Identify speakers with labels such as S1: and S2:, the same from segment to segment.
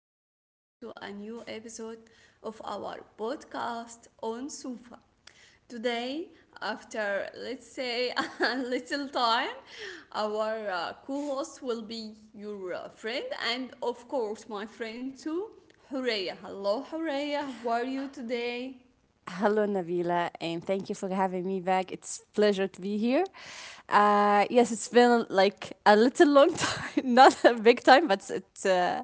S1: welcome back to a new episode of our podcast on Sufa. Today, after let's say a little time, our co host will be your friend, and of course, my friend too, Horea. Hello, Horea, how are you today?
S2: Hello, Nabila, and thank you for having me back. It's a pleasure to be here. Yes, it's been like a little long time, not a big time, but it uh,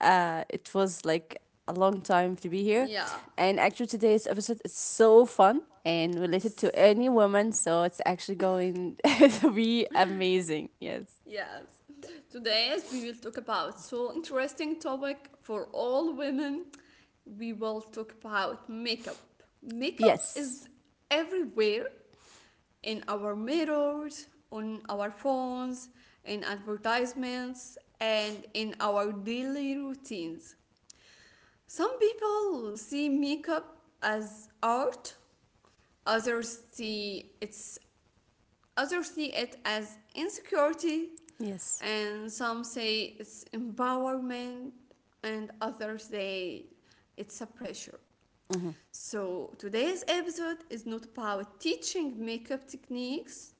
S2: uh, it was like a long time to be here.
S1: Yeah,
S2: And actually, today's episode is so fun and related to
S1: yes.
S2: any woman, so it's actually going to be amazing. Yes,
S1: Yes. Today as we will talk about so interesting topic for all women. We will talk about makeup. Makeup
S2: yes,
S1: is everywhere in our mirrors, on our phones, in advertisements, and in our daily routines. Some people see makeup as art, others see it Others see it as insecurity,
S2: yes.
S1: and some say it's empowerment, and others say it's a pressure.
S2: Hmm.
S1: So, today's episode is not about teaching makeup techniques,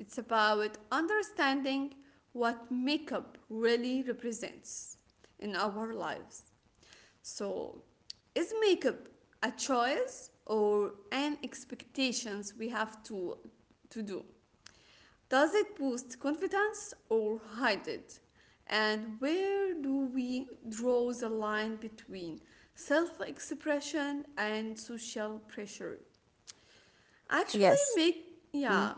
S1: it's about understanding what makeup really represents in our lives. So, is makeup a choice or an expectations we have to do? Does it boost confidence or hide it? And where do we draw the line between self expression and social pressure? Actually,
S2: Yes.
S1: make yeah,
S2: Mm.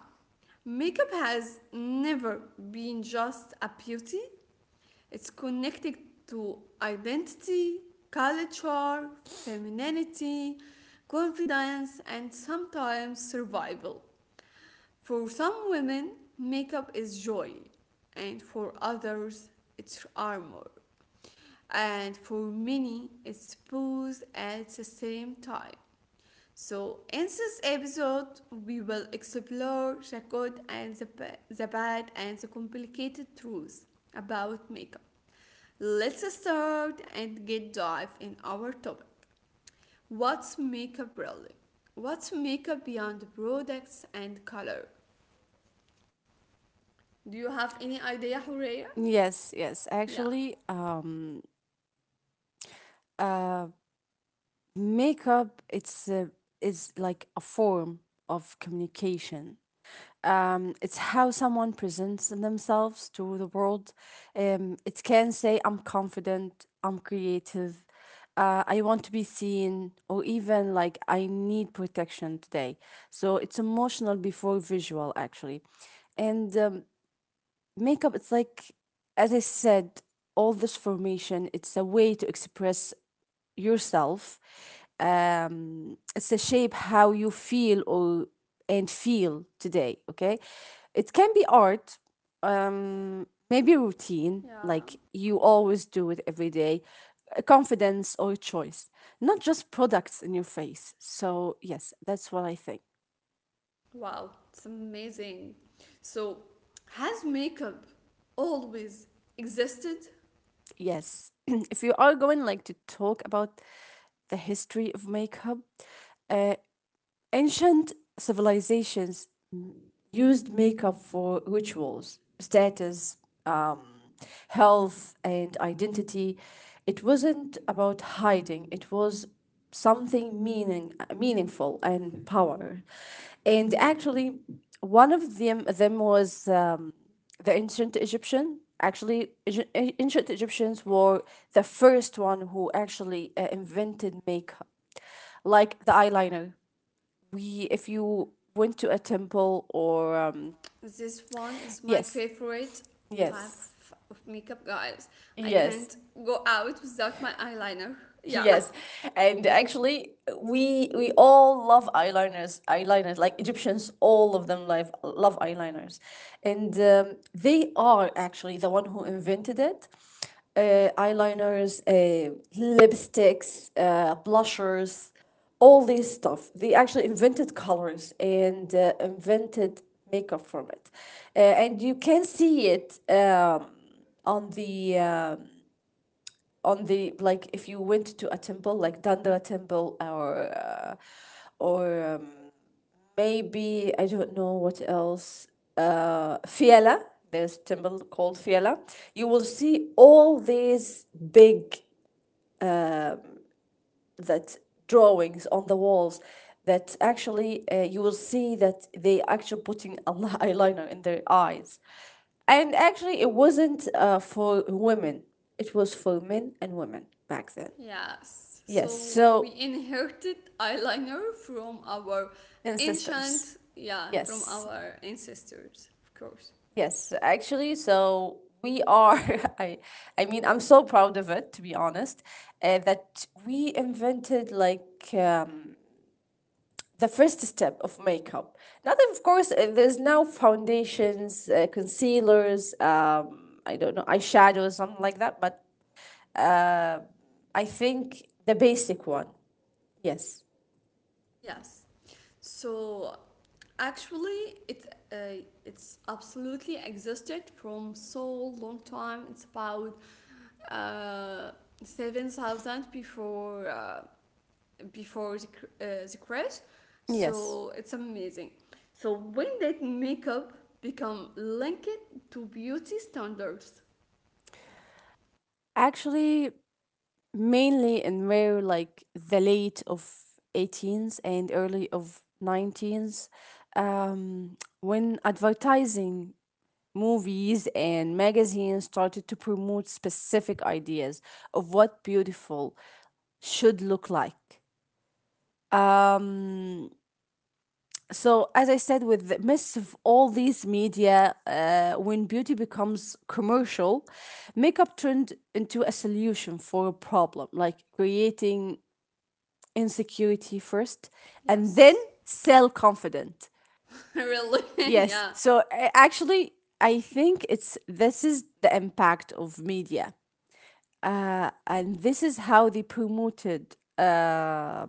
S1: makeup has never been just a beauty, it's connected to identity, culture, femininity, confidence, and sometimes survival. For some women, makeup is joy, and for others, it's armor. And for many, it's both at the same time. So, in this episode, we will explore the good and the bad and the complicated truths about makeup. Let's start and get dive in our topic. What's makeup really? What's makeup beyond products and color? Do you have any idea, Horea?
S2: Yes, yes.
S1: Yeah.
S2: Actually, uh, Makeup, it's is like a form of communication. It's how someone presents themselves to the world. It can say, "I'm confident," "I'm creative," "I want to be seen," or even like, "I need protection today." So it's emotional before visual, actually, and makeup it's like as I said all this formation it's a way to express yourself it's a shape how you feel or and feel today okay it can be art maybe routine
S1: Yeah.
S2: like you always do it every day confidence or choice not just products in your face so yes that's what I think.
S1: Wow, it's amazing. So, has makeup always existed?
S2: Yes. If you are going like to talk about the history of makeup, uh, ancient civilizations used makeup for rituals, status, um, health, and identity. It wasn't about hiding, it was something meaningful and power. And actually, one of them was the ancient Egyptian. Actually, ancient Egyptians were the first one who actually invented makeup like the eyeliner we if you went to a temple or
S1: This one is my
S2: yes
S1: favorite type
S2: yes
S1: of makeup, guys. I
S2: yes
S1: can't go out without my eyeliner. Yeah.
S2: yes, and actually, we all love eyeliners. Eyeliners, like Egyptians, all of them love eyeliners, and they are actually the one who invented it. Eyeliners, lipsticks, blushers, all this stuff. They actually invented colors and invented makeup from it, and you can see it on the. um on the like if you went to a temple like Dandara temple or maybe I don't know what else Fiala there's a temple called Fiala you will see all these big that drawings on the walls that actually you will see that they actually putting a eyeliner in their eyes and actually it wasn't for women it was for men and women back then.
S1: Yes.
S2: Yes
S1: So, we
S2: so
S1: inherited eyeliner from our
S2: and sisters.
S1: ancient, yeah, from
S2: Yes,
S1: our ancestors, of course.
S2: yes, actually, so we are. I, I mean, I'm so proud of it to be honest, that we invented like the first step of makeup. Now, that, of course, there's now foundations, concealers. I don't know, eyeshadows, something like that. But I think the basic one. Yes.
S1: Yes. So, Actually, it it's absolutely existed from so long time. It's about uh, 7,000 before before the crash,
S2: Yes.
S1: so it's amazing. So when did makeup become linked to beauty standards?
S2: Actually, mainly in where like the late of 18s and early of 19s when advertising movies and magazines started to promote specific ideas of what beautiful should look like um, so as I said with the midst of all these media when beauty becomes commercial makeup turned into a solution for a problem like creating insecurity first and then
S1: Yes,
S2: self confident.
S1: really,
S2: Yes.
S1: yeah,
S2: So actually, I think it's this is the impact of media, and this is how they promoted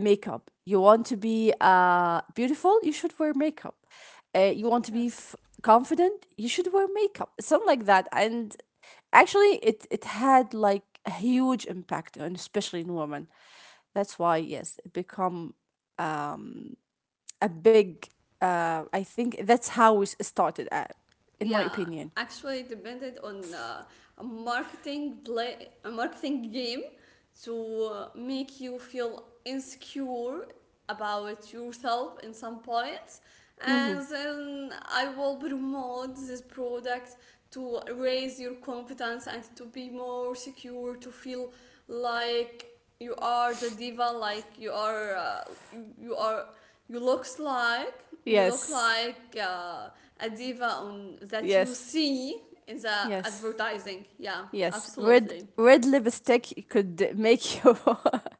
S2: makeup. You want to be beautiful, you should wear makeup. You want to be
S1: yes.
S2: confident, you should wear makeup. Something like that, and actually, it had like a huge impact on especially in women. That's why yes, it become a big. I think that's how it started. At, in my
S1: Yeah,
S2: opinion.
S1: actually depended on a marketing play a marketing game to make you feel insecure about yourself in some points,
S2: Hmm.
S1: and then I will promote this product to raise your confidence and to be more secure to feel like you are the diva, like you are you are you looks like you look
S2: Yes.
S1: like a diva on that you
S2: Yes.
S1: see in the
S2: Yes.
S1: advertising. Yeah,
S2: Yes, red
S1: absolutely.
S2: red lipstick could make you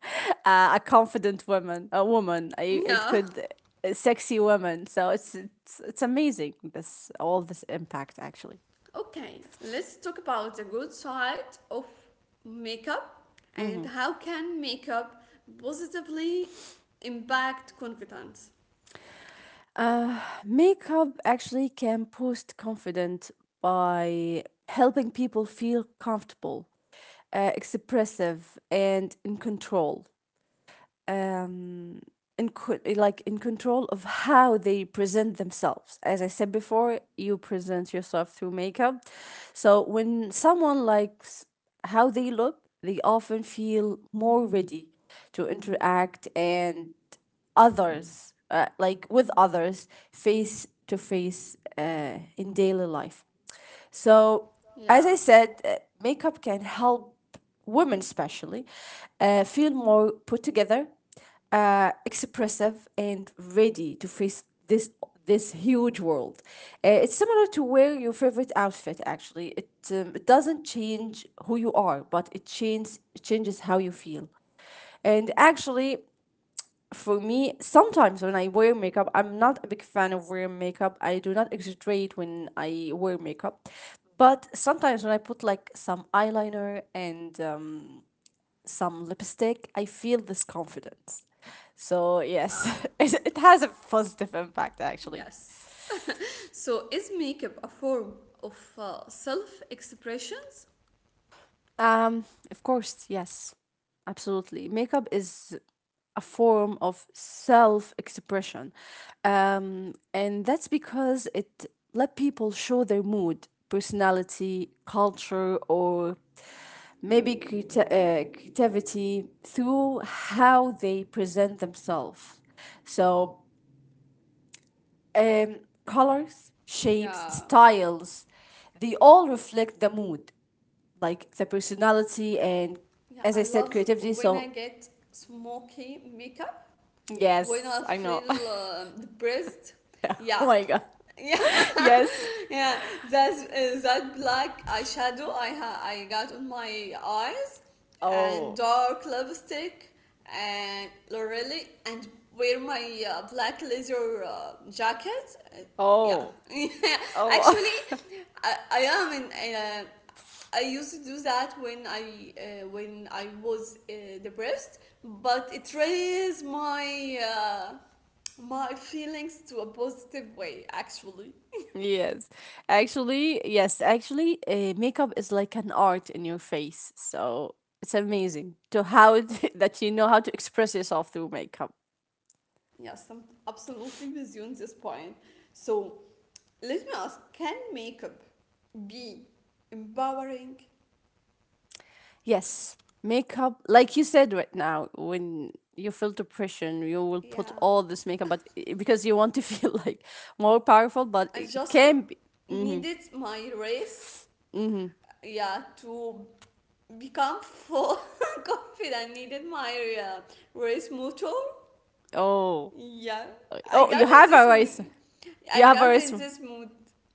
S2: a confident woman, a woman. It
S1: Yeah.
S2: could a sexy woman. So it's amazing. This all this impact actually.
S1: Okay, let's talk about the good side of makeup and how can makeup positively impact confidence.
S2: Makeup actually can boost confidence by helping people feel comfortable, expressive, and in control um, like in control of how they present themselves. As I said before, you present yourself through makeup. So when someone likes how they look, they often feel more ready to interact and others, like with others, face to face in daily life. So,
S1: Yeah.
S2: as I said, makeup can help women, especially, feel more put together, expressive, and ready to face this huge world. It's similar to wear your favorite outfit. Actually, it it doesn't change who you are, but it changes how you feel. And actually, for me, sometimes when I wear makeup, I'm not a big fan of wearing makeup. I do not exaggerate when I wear makeup. But sometimes when I put like some eyeliner and some lipstick, I feel this confidence. So, yes,
S1: Uh,
S2: it has a positive impact actually.
S1: yes. So is makeup a form of self expressions?
S2: Um, of course, yes, absolutely. Makeup is a form of self expression. And that's because it let people show their mood, personality, culture, or maybe creativity through how they present themselves. So, um, colors, shapes,
S1: Yeah.
S2: styles, they all reflect the mood like the personality and
S1: Yeah,
S2: as I
S1: I
S2: said,
S1: love
S2: creativity.
S1: when I
S2: So
S1: get smoky makeup, when
S2: yes,
S1: I
S2: I know. Oh
S1: feel depressed. Yeah.
S2: my god.
S1: Yeah,
S2: Yes.
S1: yeah. That's that black eyeshadow I got on my eyes, and
S2: Oh.
S1: dark lipstick, and Lorelli, and wear my black leather jacket. Uh, yeah,
S2: Oh. Oh.
S1: actually, I am in I used to do that when I was depressed, but it raised my my feelings to a positive way. Actually,
S2: Yes. Actually, yes. Actually, makeup is like an art in your face. So it's amazing to how it, that you know how to express yourself through makeup.
S1: yes, I'm absolutely with you on this point. So, let me ask: can makeup be empowering?
S2: Yes, makeup, like you said right now, when you feel depression, you will put
S1: Yeah,
S2: all this makeup, but because you want to feel like more powerful, but
S1: I
S2: it
S1: just w-
S2: can be.
S1: needed my race. Yeah, to become full confident. Needed my race motor.
S2: Oh,
S1: Yeah, I
S2: oh,
S1: got
S2: you
S1: in
S2: have a
S1: this mood.
S2: race. You
S1: I
S2: have a
S1: got in
S2: race.
S1: this mood.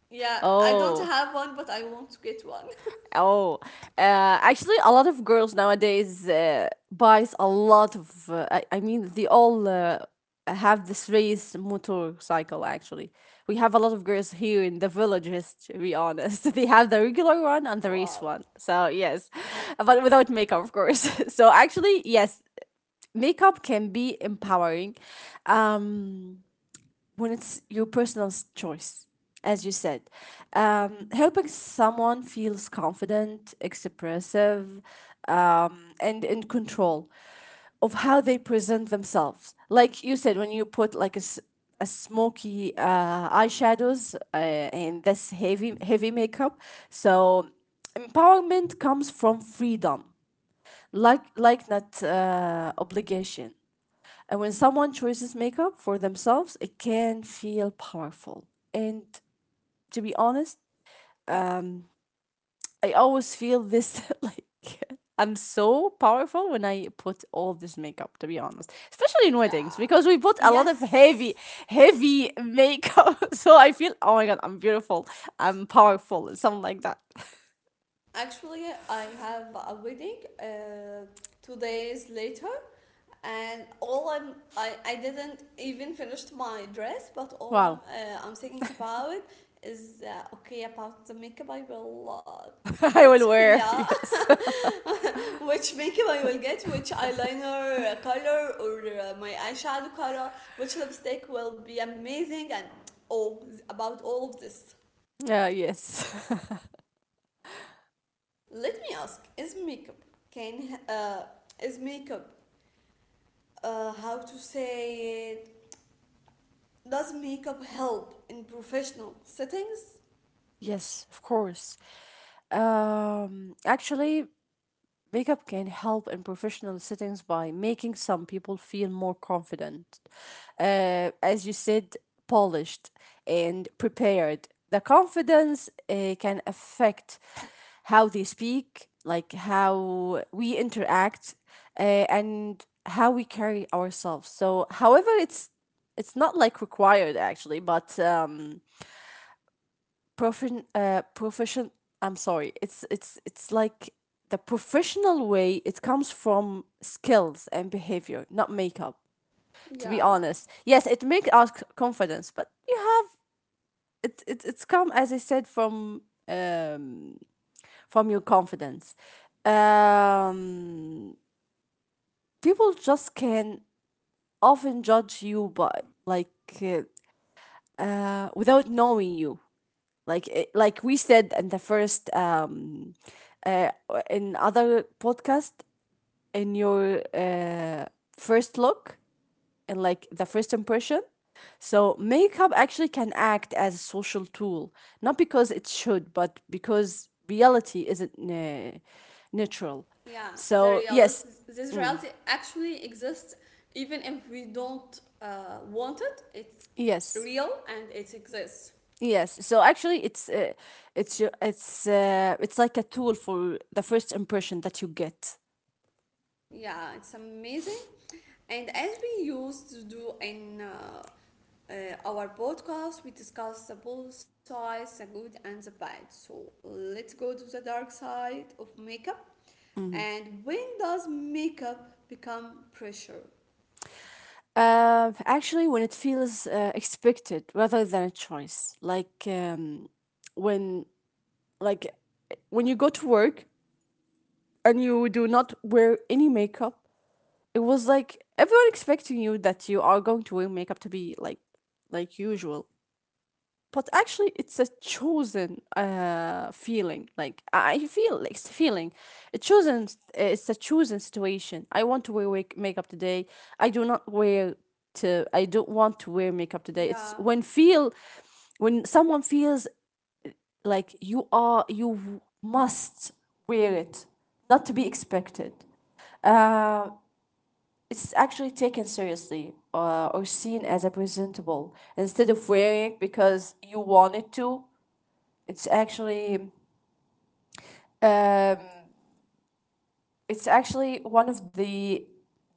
S1: Yeah, I don't
S2: Oh.
S1: have one, but I want to get one.
S2: Oh, actually, a lot of girls nowadays buys a lot of. I mean, they all have this race motorcycle. Actually, we have a lot of girls here in the villages. To be honest, they have the regular one and the race
S1: Wow.
S2: one. So yes, but without makeup, of course. So actually, yes, makeup can be empowering. Um, when it's your personal choice as you said helping someone feels confident expressive and in control of how they present themselves like you said when you put like a smoky eyeshadows and this heavy makeup so empowerment comes from freedom like not obligation and when someone chooses makeup for themselves, it can feel powerful. And to be honest, I always feel this like I'm so powerful when I put all this makeup, to be honest, especially in weddings
S1: Yeah.
S2: because we put a lot of heavy,
S1: Yes.
S2: heavy makeup. So I feel, oh my God, I'm beautiful, I'm powerful, and something like that.
S1: Actually, I have a wedding 2 days later. And all I'm I didn't even finish my dress, but all
S2: Wow.
S1: I'm thinking about is okay, about the makeup I will
S2: I
S1: get
S2: will wear,
S1: yeah
S2: yes.
S1: which makeup I will get, which eyeliner color or my eyeshadow color, which lipstick will be amazing, and all about all of this.
S2: Yes.
S1: Let me ask is makeup can Is makeup how to say it does makeup help in professional settings?
S2: Yes, of course. Actually, makeup can help in professional settings by making some people feel more confident, as you said, polished and prepared. The confidence can affect how they speak, like how we interact, uh, and how we carry ourselves. So, however, it's not like required actually, but profession I'm sorry it's like the professional way it comes from skills and behavior not makeup to be
S1: Yeah,
S2: honest yes it makes us confidence but you have it, it it's come as I said um from your confidence um people just can often judge you by like uh, without knowing you like eh, like we said in the first uh, in other podcast in your first look and like the first impression so makeup actually can act as a social tool not because it should but because reality isn't neutral
S1: yeah. The
S2: so
S1: reality,
S2: yes
S1: this reality actually exists, even if we don't want it. It's
S2: yes
S1: real and it exists.
S2: yes so actually it's it's like a tool for the first impression that you get.
S1: Yeah, it's amazing. And as we used to do in uh, our podcast, we discuss the both sides, the good and the bad. So let's go to the dark side of makeup. And when does makeup become pressure?
S2: Actually, when it feels expected rather than a choice, like when like when you go to work and you do not wear any makeup, it was like everyone expecting you that you are going to wear makeup to be like usual, but actually it's a chosen feeling like I feel like it's a feeling a chosen it's a chosen situation I want to wear makeup today I do not wear to I don't want to wear makeup today it's
S1: Yeah,
S2: when feel when someone feels like you are you must wear it not to be expected it's actually taken seriously or seen as a presentable instead of wearing because you wanted to it's actually um, it's actually one of the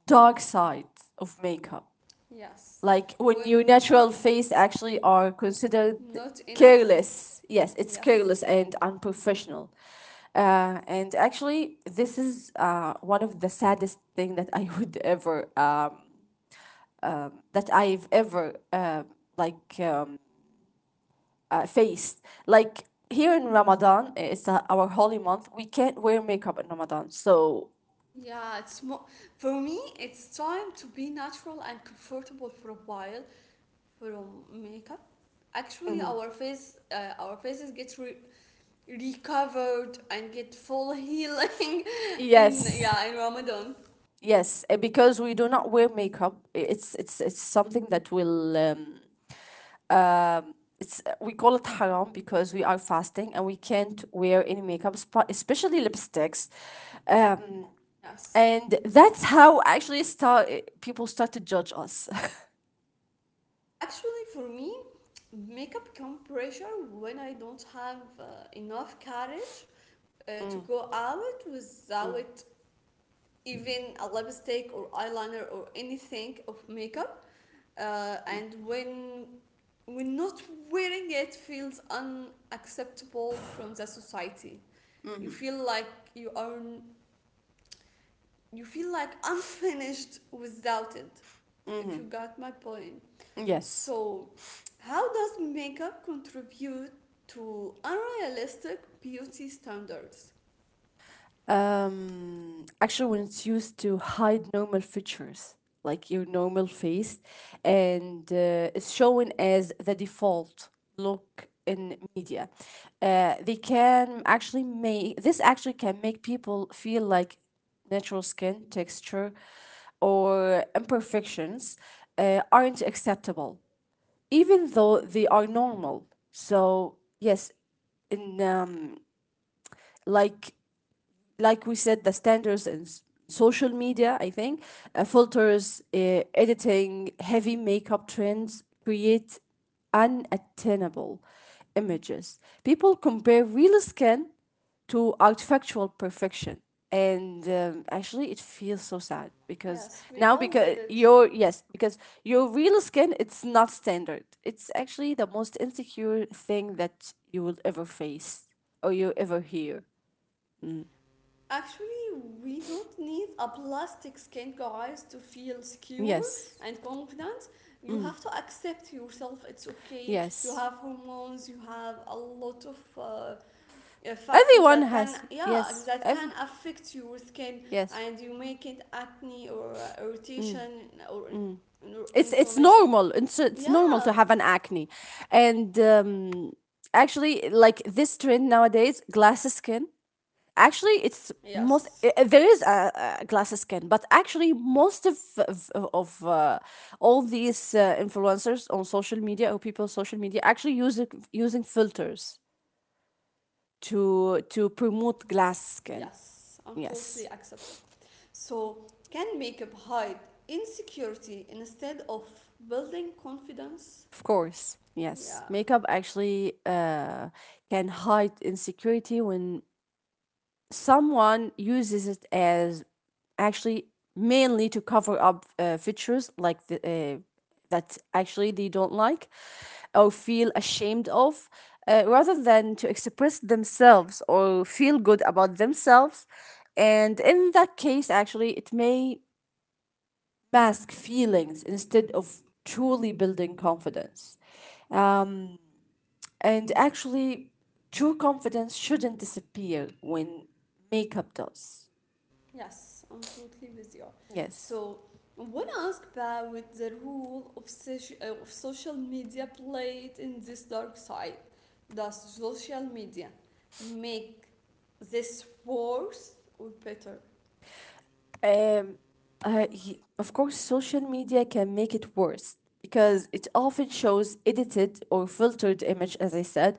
S2: dark sides of makeup.
S1: yes.
S2: Like when your
S1: When
S2: natural face actually are considered
S1: not enough.
S2: careless. Yes, it's
S1: Yes.
S2: careless and unprofessional. And actually, this is one of the saddest thing that I would ever that I've ever like faced. Like here in Ramadan, it's our holy month. We can't wear makeup in Ramadan. So
S1: Yeah, it's more for me it's time to be natural and comfortable for a while from makeup. Actually, our faces get recovered and get full healing in
S2: yes,
S1: yeah, in Ramadan.
S2: yes, because we do not wear makeup. It's something that will it's we call it haram because we are fasting and we can't wear any makeup, especially lipsticks. Um,
S1: Yes.
S2: and that's how actually start people start to judge us.
S1: Actually, for me, makeup come pressure when I don't have enough courage to go out without even a lipstick or eyeliner or anything of makeup, and when not wearing it feels unacceptable from the society. You feel like you are you feel like unfinished without it. If you got my point.
S2: Yes.
S1: So, how does makeup contribute to unrealistic beauty standards?
S2: Actually, when it's used to hide normal features like your normal face, and it's shown as the default look in media. Uh, they can actually make this actually can make people feel like natural skin texture or imperfections aren't acceptable, even though they are normal. So yes, in like like we said, the standards and social media, I think, filters, editing, heavy makeup trends create unattainable images. People compare real skin to artificial perfection, and actually it feels so sad because
S1: Yes, we
S2: now
S1: all did
S2: because
S1: it.
S2: your yes because your real skin, it's not standard. It's actually the most insecure thing that you will ever face or you ever hear.
S1: Actually, we don't need a plastic skin, guys, to feel secure
S2: Yes
S1: and confident. You have to accept yourself. It's okay. You
S2: Yes.
S1: have hormones. You have a lot of factors
S2: Everyone
S1: that can,
S2: has.
S1: yeah,
S2: Yes.
S1: that
S2: Every,
S1: can affect your skin,
S2: yes.
S1: and you make it acne or irritation or
S2: It's
S1: inflammation.
S2: normal. It's normal to
S1: Yeah.
S2: have an acne, and actually, like this trend nowadays, glass skin. Actually, it's most
S1: Yes.
S2: eh, eh, there is a glass skin, but actually, most of all these influencers on social media or people on social media actually using filters to promote glass skin.
S1: Yes, I'm totally
S2: Yes.
S1: accepting. So, can makeup hide insecurity instead of building confidence?
S2: Of course, yes.
S1: Yeah,
S2: Makeup actually can hide insecurity when someone uses it as actually mainly to cover up features that actually they don't like or feel ashamed of, rather than to express themselves or feel good about themselves. And in that case, actually, it may mask feelings instead of truly building confidence. Um, and actually, true confidence shouldn't disappear when makeup does.
S1: yes, I'm totally with you.
S2: Yes.
S1: So, I want to ask about the role of, of social media played in this dark side. Does social media make this worse or better?
S2: Um, of course, social media can make it worse because it often shows edited or filtered image, as I said,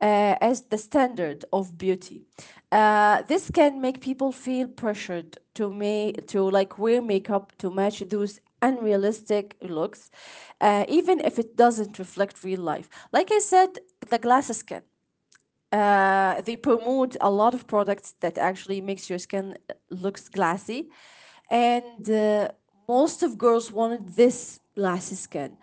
S2: as the standard of beauty. This can make people feel pressured to like wear makeup to match those unrealistic looks, even if it doesn't reflect real life. Like I said, the glasses can. They promote a lot of products that actually makes your skin looks glassy, and most of girls wanted this glassy skin.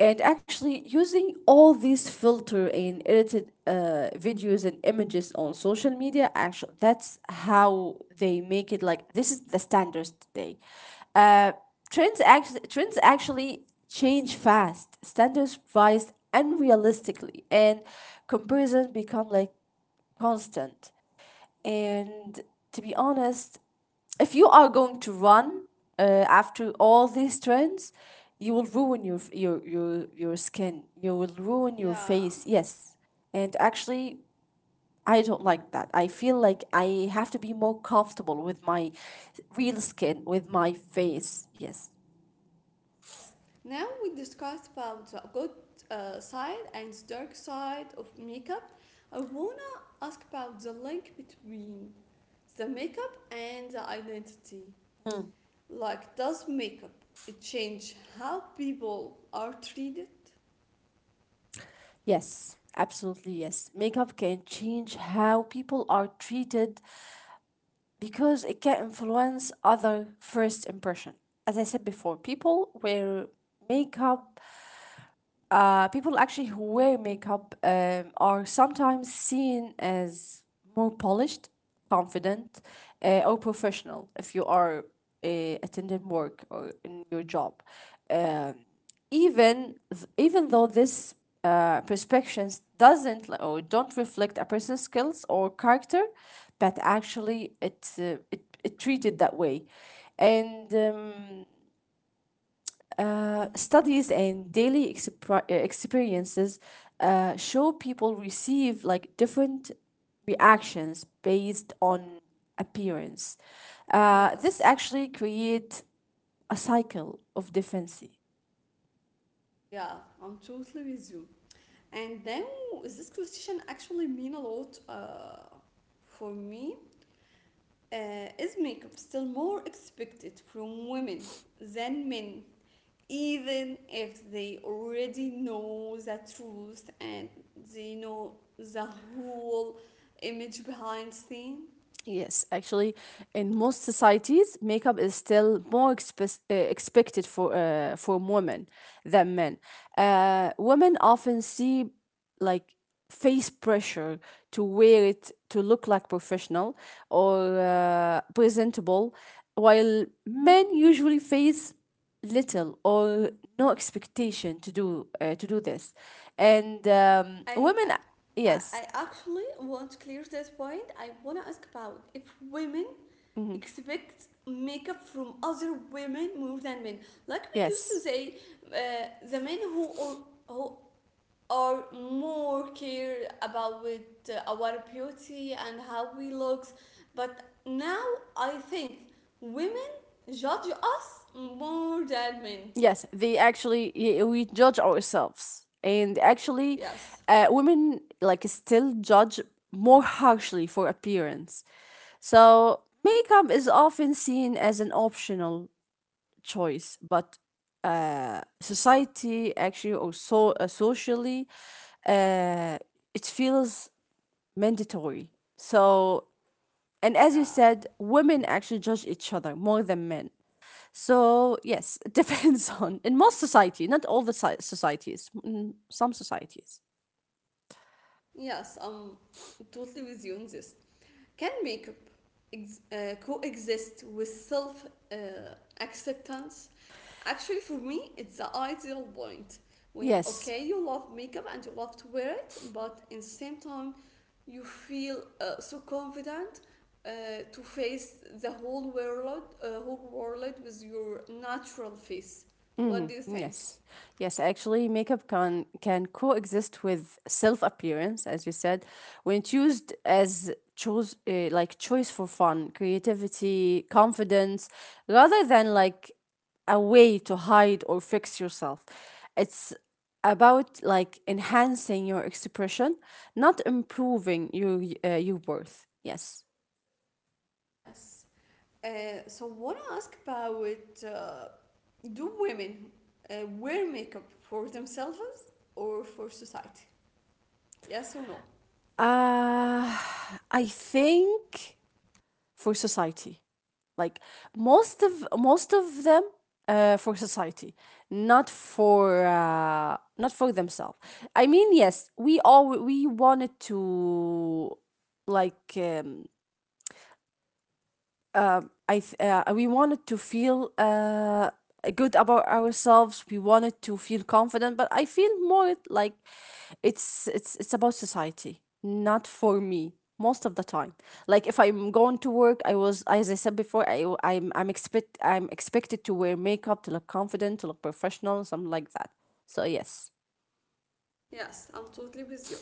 S2: And actually, using all these filter and edited videos and images on social media, actually, that's how they make it like this is the standards today. Uh, trends actually change fast, standards rise unrealistically, and comparison become like constant. And to be honest, if you are going to run after all these trends, you will ruin your skin. You will ruin your
S1: Yeah.
S2: face. Yes, and actually, I don't like that. I feel like I have to be more comfortable with my real skin, with my face. Yes.
S1: Yes. Now we discussed about the good side and the dark side of makeup. I wanna ask about the link between the makeup and the identity. Like, does makeup it change how people are treated?
S2: Yes, absolutely yes. Makeup can change how people are treated because it can influence other first impression. As I said before, makeup people actually who wear makeup are sometimes seen as more polished, confident, or professional if you are uh, attending work or in your job. Um, even even though this perspectives doesn't li- or don't reflect a person's skills or character, but actually it treated that way. And. Studies and daily experiences show people receive like different reactions based on appearance. This
S1: Yes.
S2: actually creates a cycle of defense.
S1: Yeah, I'm totally with you. And then, is this question actually mean a lot for me? Is makeup still more expected from women than men? Even if they already know the truth and they know the whole image behind scene.
S2: Yes, actually, in most societies, makeup is still more expected for women than men. Women often see like face pressure to wear it to look like professional or presentable, while men usually face little or no expectation to do this, and
S1: i
S2: women, yes,
S1: I actually want to clear this point. I want to ask about if women
S2: mhm,
S1: expect makeup from other women more than men, like we used to
S2: yes.
S1: say the men who or more care about with our beauty and how we look. But now I think women judge us more than men.
S2: Yes, they actually we judge ourselves, and actually,
S1: Yes.
S2: women like still judge more harshly for appearance. So makeup is often seen as an optional choice, but society actually, or socially, uh, it feels mandatory. So, and as you
S1: Yeah.
S2: said, women actually judge each other more than men. So, yes, it depends on, in most society, not all the societies, in some societies.
S1: Yes, I'm totally with you on this. Can makeup coexist with self uh, acceptance? Actually, for me, it's the ideal point. When,
S2: Yes.
S1: okay, you love makeup and you love to wear it, but in the same time, you feel so confident uh, to face the whole world, with your natural face. What do you think?
S2: Yes, yes, actually, makeup can coexist with self appearance, as you said, when it's used as choose like choice for fun, creativity, confidence, rather than like a way to hide or fix yourself. It's about like enhancing your expression, not improving your worth. Yes,
S1: Yes. So I want to ask about do women wear makeup for themselves or for society? Yes or no?
S2: uh, I think for society, like most of them, for society, not for not for themselves. I mean, yes, we all we wanted to like um, we wanted to feel good about ourselves. We wanted to feel confident, but I feel more like it's it's about society, not for me most of the time. Like if I'm going to work, I was as I said before, I am I w- I'm expect I'm expected to wear makeup to look confident, to look professional, something like that. So yes,
S1: Yes, I'm totally with you.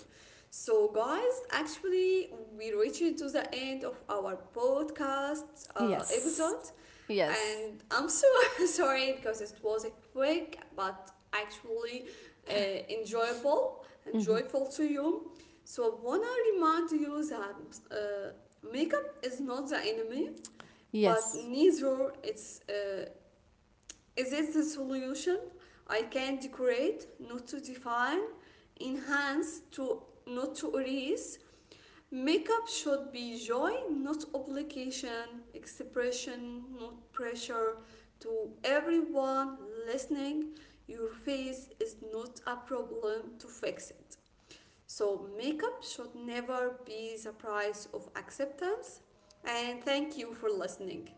S1: So, guys, actually, we reached to the end of our podcast
S2: yes,
S1: episode,
S2: yes,
S1: and I'm so sorry because it was a quick but actually enjoyable and
S2: hmm,
S1: joyful to you. So, I wanna remind you that makeup is not the enemy, but
S2: yes.
S1: neither it's is it the solution. I can decorate, not to define, enhance to not to erase. Makeup should be joy not obligation, expression not pressure. To everyone listening, your face is not a problem to fix it, so makeup should never be the price of acceptance. And thank you for listening.